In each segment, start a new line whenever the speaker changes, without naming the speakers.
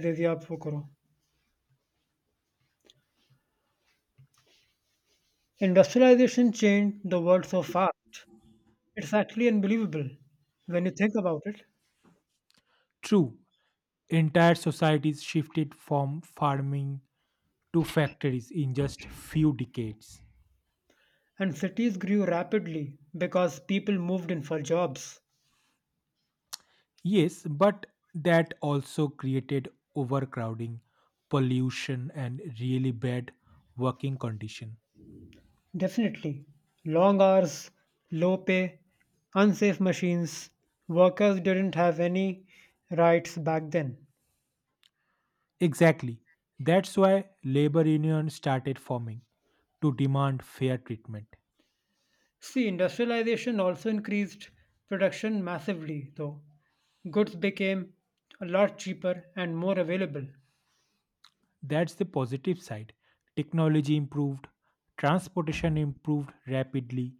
दे दिया आप वो करो. Industrialisation changed the world so fast. It's actually unbelievable when you think about it.
True, entire societies shifted from farming to factories in just few decades.
And cities grew rapidly because people moved in for jobs.
Yes, but that also created overcrowding, pollution and really bad working condition.
Definitely long hours, low pay, unsafe machines. Workers didn't have any rights back then.
Exactly. That's why labor unions started forming to demand fair treatment.
See, industrialization also increased production massively, though goods became a lot cheaper and more available.
That's the positive side. Technology improved, transportation improved rapidly,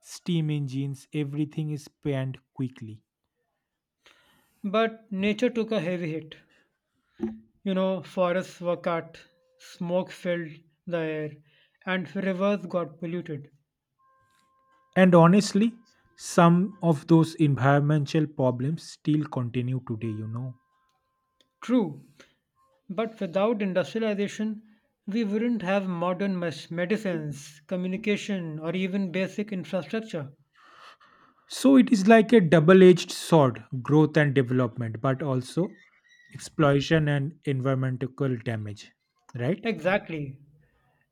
steam engines, everything is planned quickly.
But nature took a heavy hit. You know, forests were cut, smoke filled the air, and rivers got polluted.
And honestly, some of those environmental problems still continue today,
True, but without industrialization, we wouldn't have modern medicines, communication, or even basic infrastructure.
So it is like a double edged sword growth and development, but also exploitation and environmental damage, right?
Exactly.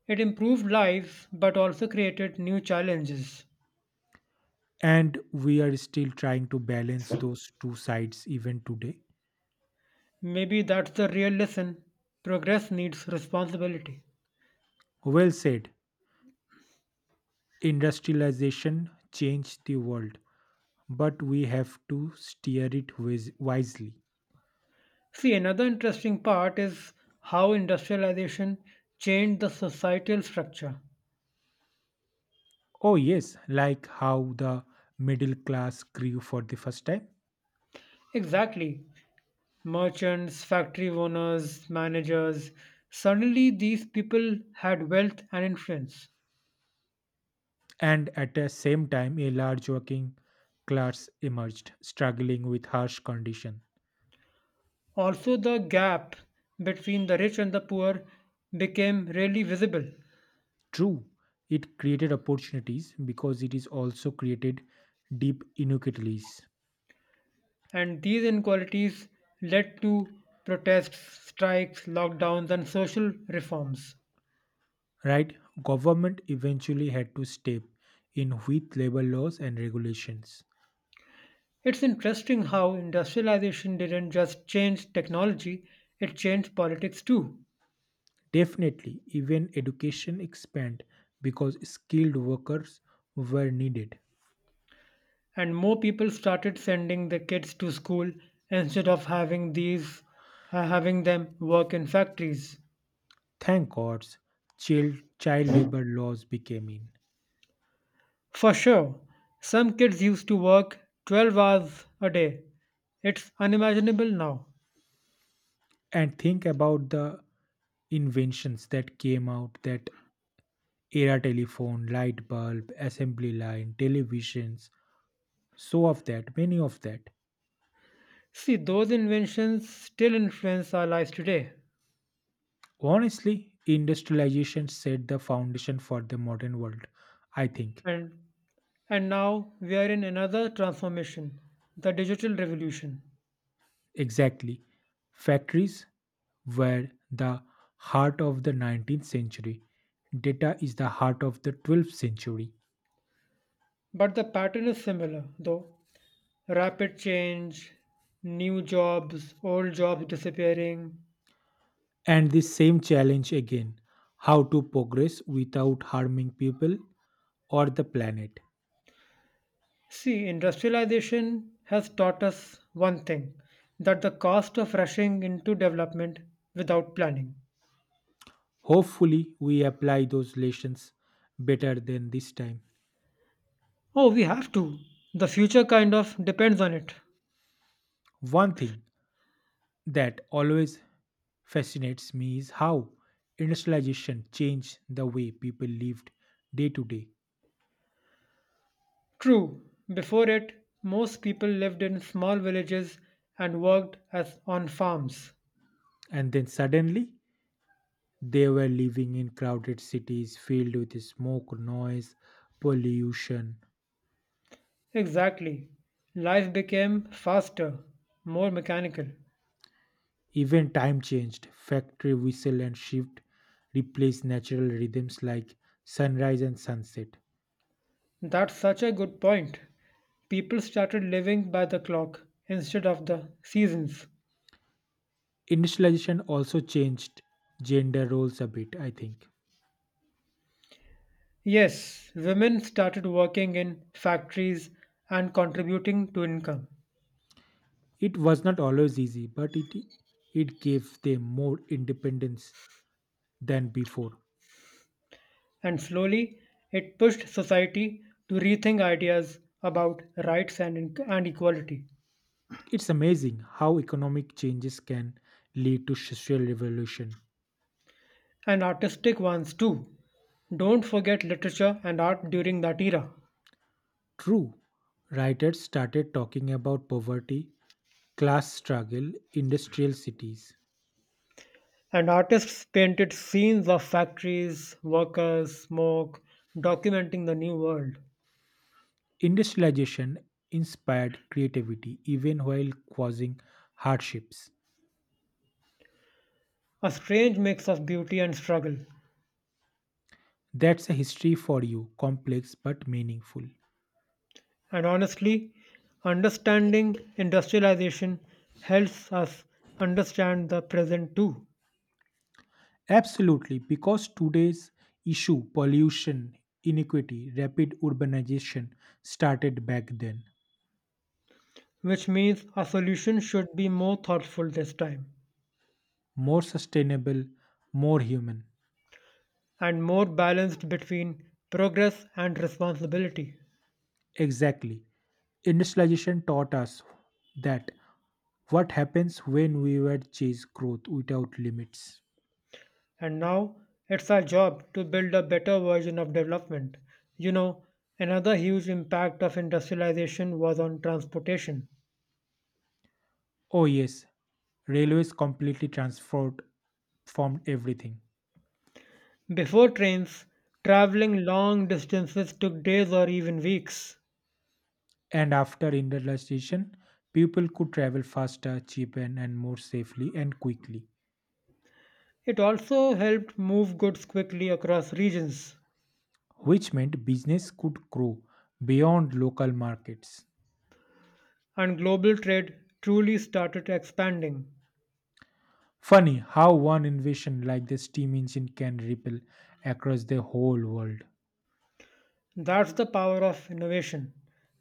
It improved lives but also created new challenges.
And we are still trying to balance those two sides even today.
Maybe that's the real lesson: progress needs responsibility.
Well said, industrialization changed the world, but we have to steer it wisely.
See, another interesting part is how industrialization changed the societal structure.
Oh, yes, like how the middle class grew for the first time,
Exactly. Merchants, factory owners, managers. Suddenly, these people had wealth and influence.
and at the same time, a large working class emerged, struggling with harsh conditions.
Also, the gap between the rich and the poor became really visible.
True, it created opportunities because it is also created deep inequalities.
And these inequalities led to protests, strikes, lockdowns, and social reforms.
Right? Government eventually had to step in with labor laws and regulations.
It's interesting how industrialization didn't just change technology, it changed politics too.
Definitely, even education expanded because skilled workers were needed.
And more people started sending their kids to school instead of having them work in factories.
Thank God's child labor laws became in.
For sure, some kids used to work 12 hours a day. It's unimaginable now.
And think about the inventions that came out that era telephone, light bulb, assembly line, televisions, so of that, many of that.
See, those inventions still influence our lives today.
Honestly, industrialization set the foundation for the modern world, I think.
And and now we are in another transformation, the digital revolution.
Exactly. Factories were the heart of the 19th century. Data is the heart of the 12th century.
But the pattern is similar, though: rapid change, new jobs, old jobs disappearing.
And the same challenge again how to progress without harming people or the planet.
See, industrialization has taught us one thing: that the cost of rushing into development without planning.
Hopefully, we apply those lessons better than this time.
Oh, we have to. The future kind of depends on it.
One thing that always fascinates me is how industrialization changed the way people lived day to day.
True, before it, most people lived in small villages and worked as on farms.
And then suddenly, they were living in crowded cities filled with smoke, noise, pollution,
Exactly. Life became faster, more mechanical.
Even time changed, factory whistle and shift replaced natural rhythms like sunrise and sunset.
That's such a good point. People started living by the clock instead of the seasons.
Industrialization also changed gender roles a bit, I think.
Yes, women started working in factories and contributing to income.
It was not always easy, but it gave them more independence than before.
And slowly, it pushed society to rethink ideas about rights and equality,
It's amazing how economic changes can lead to social revolution.
and artistic ones too. Don't forget literature and art during that era.
True, writers started talking about poverty, class struggle, industrial cities.
And artists painted scenes of factories, workers, smoke, documenting the new world.
Industrialization inspired creativity even while causing hardships.
A strange mix of beauty and struggle.
That's a history for you, complex but meaningful.
And honestly, understanding industrialization helps us understand the present too,
Absolutely, because today's issue, pollution, inequity, rapid urbanization started back then.
which means our solution should be more thoughtful this time
More sustainable, more human.
and more balanced between progress and responsibility.
Exactly. Industrialization taught us that what happens when we were chase growth without limits.
And now it's our job to build a better version of development. You know, another huge impact of industrialization was on transportation.
Oh yes, railways completely transformed formed everything.
Before trains, traveling long distances took days or even weeks.
And after industrialization, people could travel faster, cheaper, and more safely and quickly,
It also helped move goods quickly across regions,
which meant business could grow beyond local markets.
and global trade truly started expanding.
Funny how one invention like the steam engine can ripple across the whole world.
That's the power of innovation.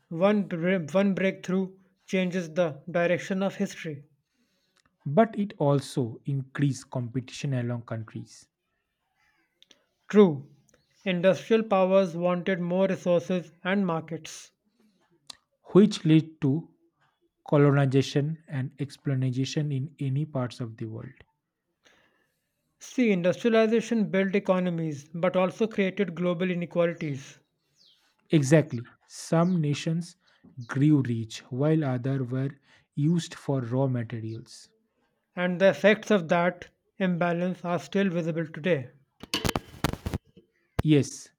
One breakthrough changes the direction of history.
But it also increased competition along countries,
True, industrial powers wanted more resources and markets.
which led to colonization and exploitation in any parts of the world.
See, industrialization built economies but also created global inequalities,
Exactly. Some nations grew rich while others were used for raw materials.
and the effects of that imbalance are still visible today.
Yes,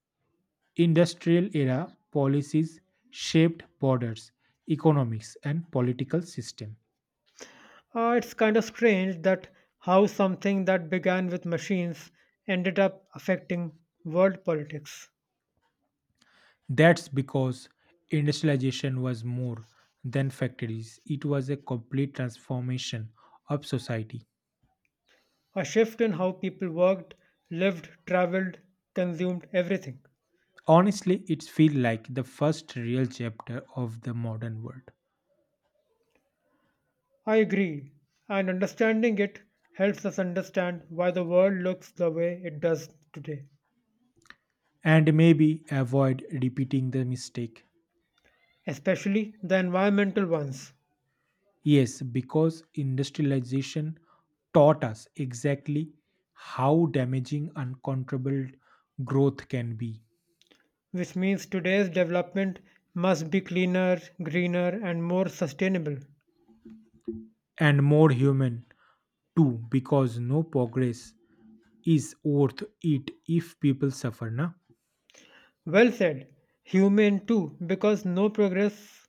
industrial era policies shaped borders, economics, and political system.
It's kind of strange that how something that began with machines ended up affecting world politics.
That's because industrialization was more than factories. It was a complete transformation of society.
A shift in how people worked, lived, traveled, consumed everything.
Honestly, it feels like the first real chapter of the modern world.
I agree, and understanding it helps us understand why the world looks the way it does today,
And maybe avoid repeating the mistake.
especially the environmental ones.
Yes, because industrialization taught us exactly how damaging uncontrollable growth can be,
Which means today's development must be cleaner, greener, and more sustainable.
and more human too, because no progress is worth it if people suffer. Na?
Well said. Humane too, because no progress.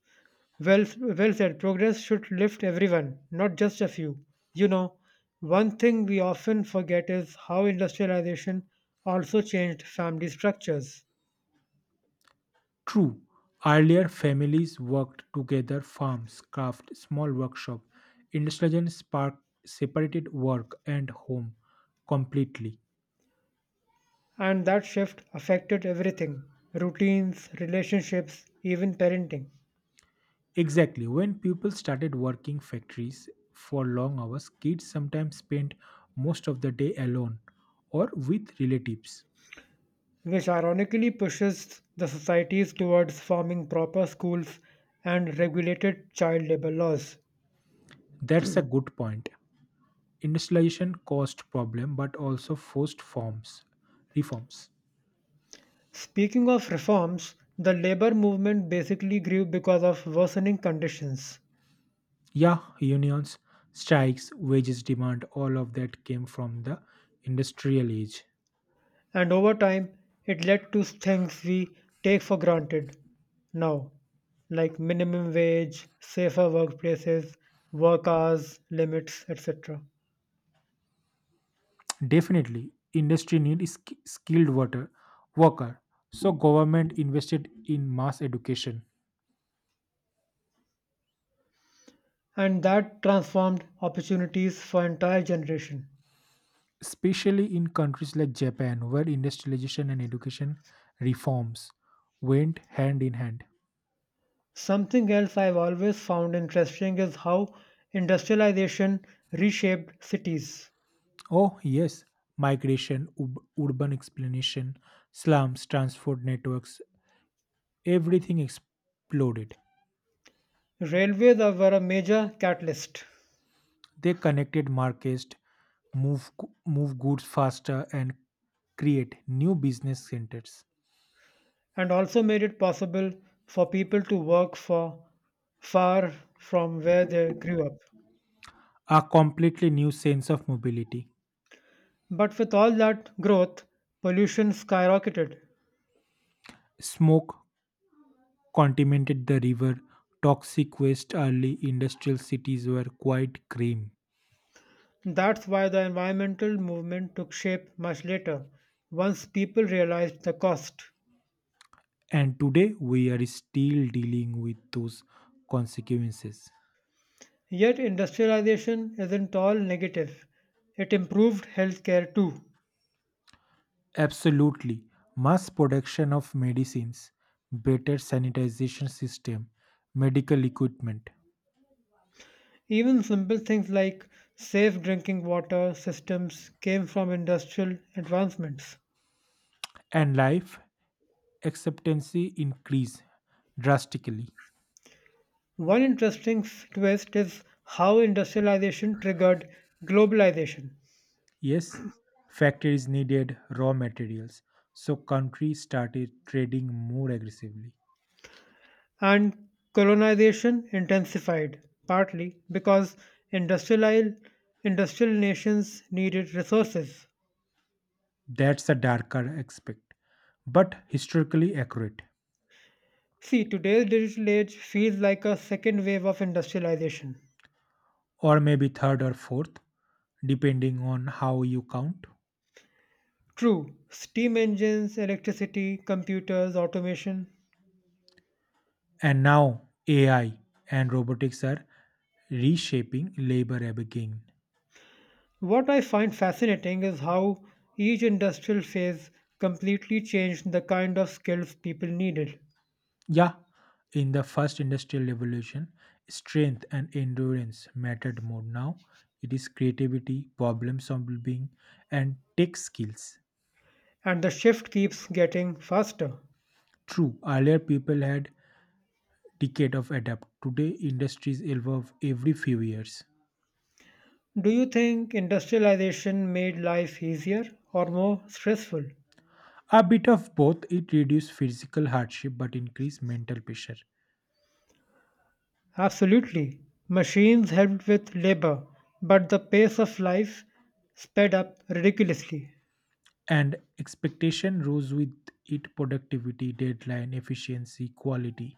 Well, well said. Progress should lift everyone, not just a few. You know, one thing we often forget is how industrialization also changed family structures,
True, earlier families worked together, farms, craft, small workshop. Industrialization sparked separated work and home completely.
and that shift affected everything: routines, relationships, even parenting.
Exactly. When people started working factories for long hours, kids sometimes spent most of the day alone or with relatives.
Which ironically pushes the societies towards forming proper schools and regulated child labor laws.
That's a good point. Industrialization caused problem but also forced forms reforms.
Speaking of reforms, the labor movement basically grew because of worsening conditions,
Yeah, unions, strikes, wages demand, all of that came from the industrial age.
and over time, it led to things we take for granted now, like minimum wage, safer workplaces, work hours limits, etc.
Definitely, industry need skilled worker. So government invested in mass education,
And that transformed opportunities for entire generation.
especially in countries like Japan, where industrialization and education reforms went hand in hand.
Something else I've always found interesting is how industrialization reshaped cities.
Oh, yes, migration, urban explanation, slums, transport networks, everything exploded.
Railways were a major catalyst
They connected markets, move, move goods faster, and create new business centers.
and also made it possible for people to work for far from where they grew up.
A completely new sense of mobility.
But with all that growth, pollution skyrocketed.
Smoke contaminated the river. Toxic waste early industrial cities were quite grim.
That's why the environmental movement took shape much later, once people realized the cost.
And today we are still dealing with those consequences.
Yet industrialization isn't all negative. It improved healthcare too.
Absolutely. Mass production of medicines, better sanitization system, medical equipment,
Even simple things like safe drinking water systems came from industrial advancements.
and life expectancy increase drastically.
One interesting twist is how industrialization triggered globalization
Yes, factories needed raw materials, so countries started trading more aggressively.
and colonization intensified, partly because industrial, industrial nations needed resources.
That's a darker aspect, but historically accurate,
See, today's digital age feels like a second wave of industrialization.
or maybe third or fourth, depending on how you count.
True, steam engines, electricity, computers, automation.
And now AI and robotics are reshaping labor again.
What I find fascinating is how each industrial phase completely changed the kind of skills people needed,
Yeah, in the first industrial revolution, strength and endurance mattered more. Now it is creativity, problem solving, and tech skills.
and the shift keeps getting faster.
True, earlier people had decade of adapt. Today industries evolve every few years.
Do you think industrialization made life easier or more stressful?
A bit of both, it reduced physical hardship but increased mental pressure.
Absolutely. Machines helped with labor, but the pace of life sped up ridiculously.
And expectation rose with it productivity, deadline, efficiency, quality.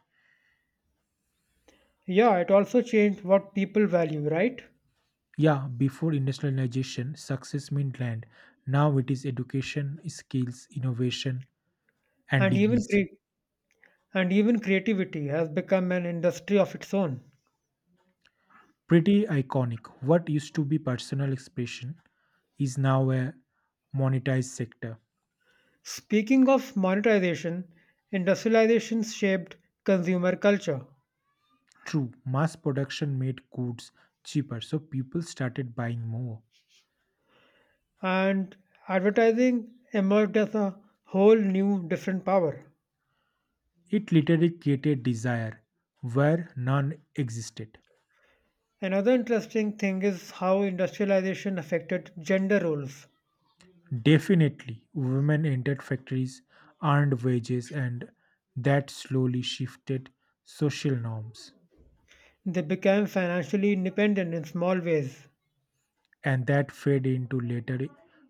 Yeah, it also changed what people value, right?
Yeah, before industrialization, success meant land. Now it is education, skills, innovation, and
and even
degrees.
cre- and even creativity has become an industry of its own.
Pretty iconic. What used to be personal expression is now a monetized sector.
Speaking of monetization, industrialization shaped consumer culture,
True, mass production made goods cheaper, so people started buying more.
and advertising emerged as a whole new different power.
It literally created desire where none existed.
Another interesting thing is how industrialization affected gender roles.
Definitely, women entered factories, earned wages, and that slowly shifted social norms.
They became financially independent in small ways.
And that fed into later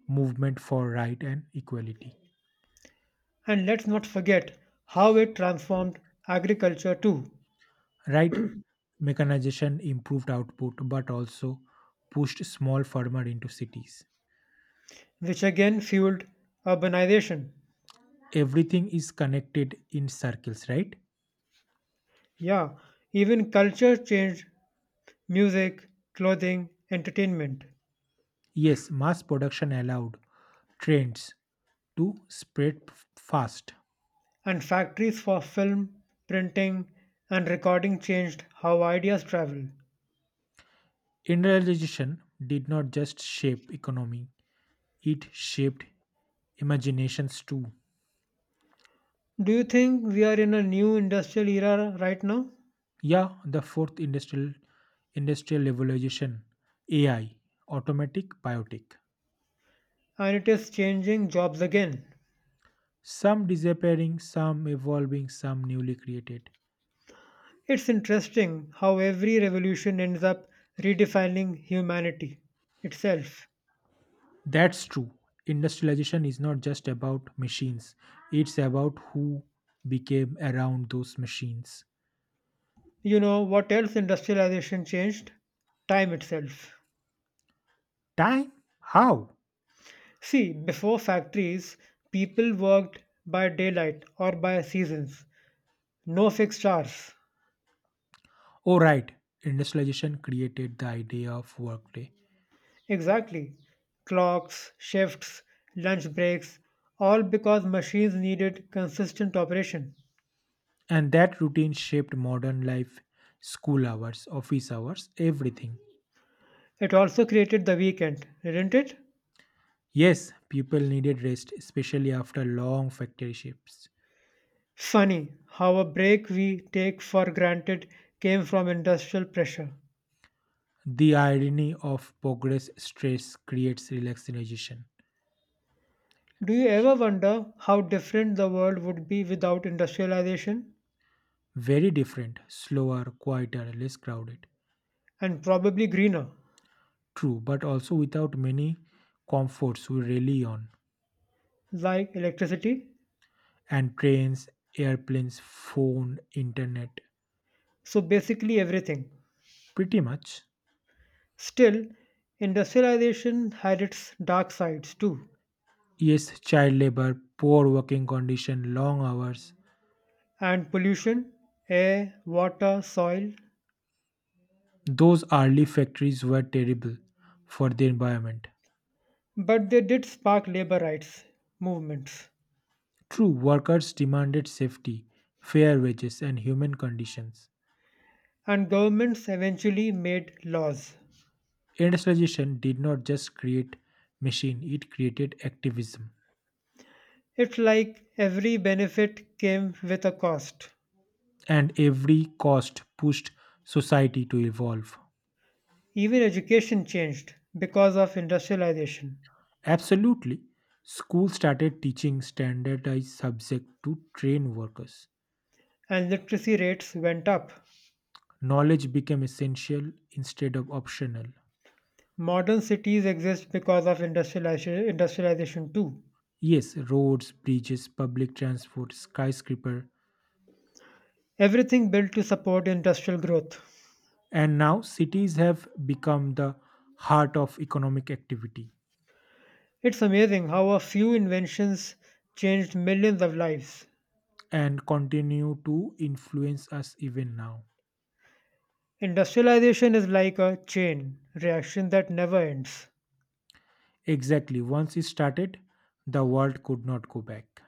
movement for right and equality.
And let's not forget how it transformed agriculture too,
Right? Mechanization improved output but also pushed small farmer into cities.
which again fueled urbanization.
Everything is connected in circles, right?
Yeah, even culture changed: music, clothing, entertainment,
Yes, mass production allowed trends to spread fast.
and factories for film, printing, and recording changed how ideas travel.
Industrialization did not just shape economy, it shaped imaginations too.
Do you think we are in a new industrial era right now?
Yeah, the fourth industrial revolution, AI, automatic biotic.
And it is changing jobs again.
Some disappearing, some evolving, some newly created.
It's interesting how every revolution ends up redefining humanity itself.
That's true. Industrialization is not just about machines, it's about who became around those machines.
You know what else industrialization changed? Time itself.
Time? How?
See, before factories, people worked by daylight or by seasons, no fixed hours.
Oh, right. Industrialization created the idea of workday,
Exactly. Clocks, shifts, lunch breaks, all because machines needed consistent operation.
and that routine shaped modern life school hours, office hours, everything.
It also created the weekend, didn't it?
Yes, people needed rest, especially after long factory shifts.
Funny how a break we take for granted came from industrial pressure.
The irony of progress stress creates relaxation.
Do you ever wonder how different the world would be without industrialization?
Very different, slower, quieter, less crowded.
And probably greener,
True, but also without many comforts we rely on,
like electricity?
and trains, airplanes, phone, internet.
So basically everything.
Pretty much.
Still, industrialization had its dark sides too,
Yes, child labor, poor working condition, long hours.
and pollution, air, water, soil,
Those early factories were terrible for the environment.
but they did spark labor rights movements,
True, workers demanded safety, fair wages, and human conditions.
and governments eventually made laws.
Industrialization did not just create machine, it created activism.
It's like every benefit came with a cost.
And every cost pushed society to evolve.
Even education changed because of industrialization,
Absolutely. School started teaching standardized subject to train workers.
and literacy rates went up.
Knowledge became essential instead of optional.
Modern cities exist because of industrialization too,
Yes, roads, bridges, public transport, skyscraper,
everything built to support industrial growth.
and now cities have become the heart of economic activity
It's amazing how a few inventions changed millions of lives.
and continue to influence us even now.
Industrialization is like a chain reaction that never ends.
Exactly, once it started, the world could not go back.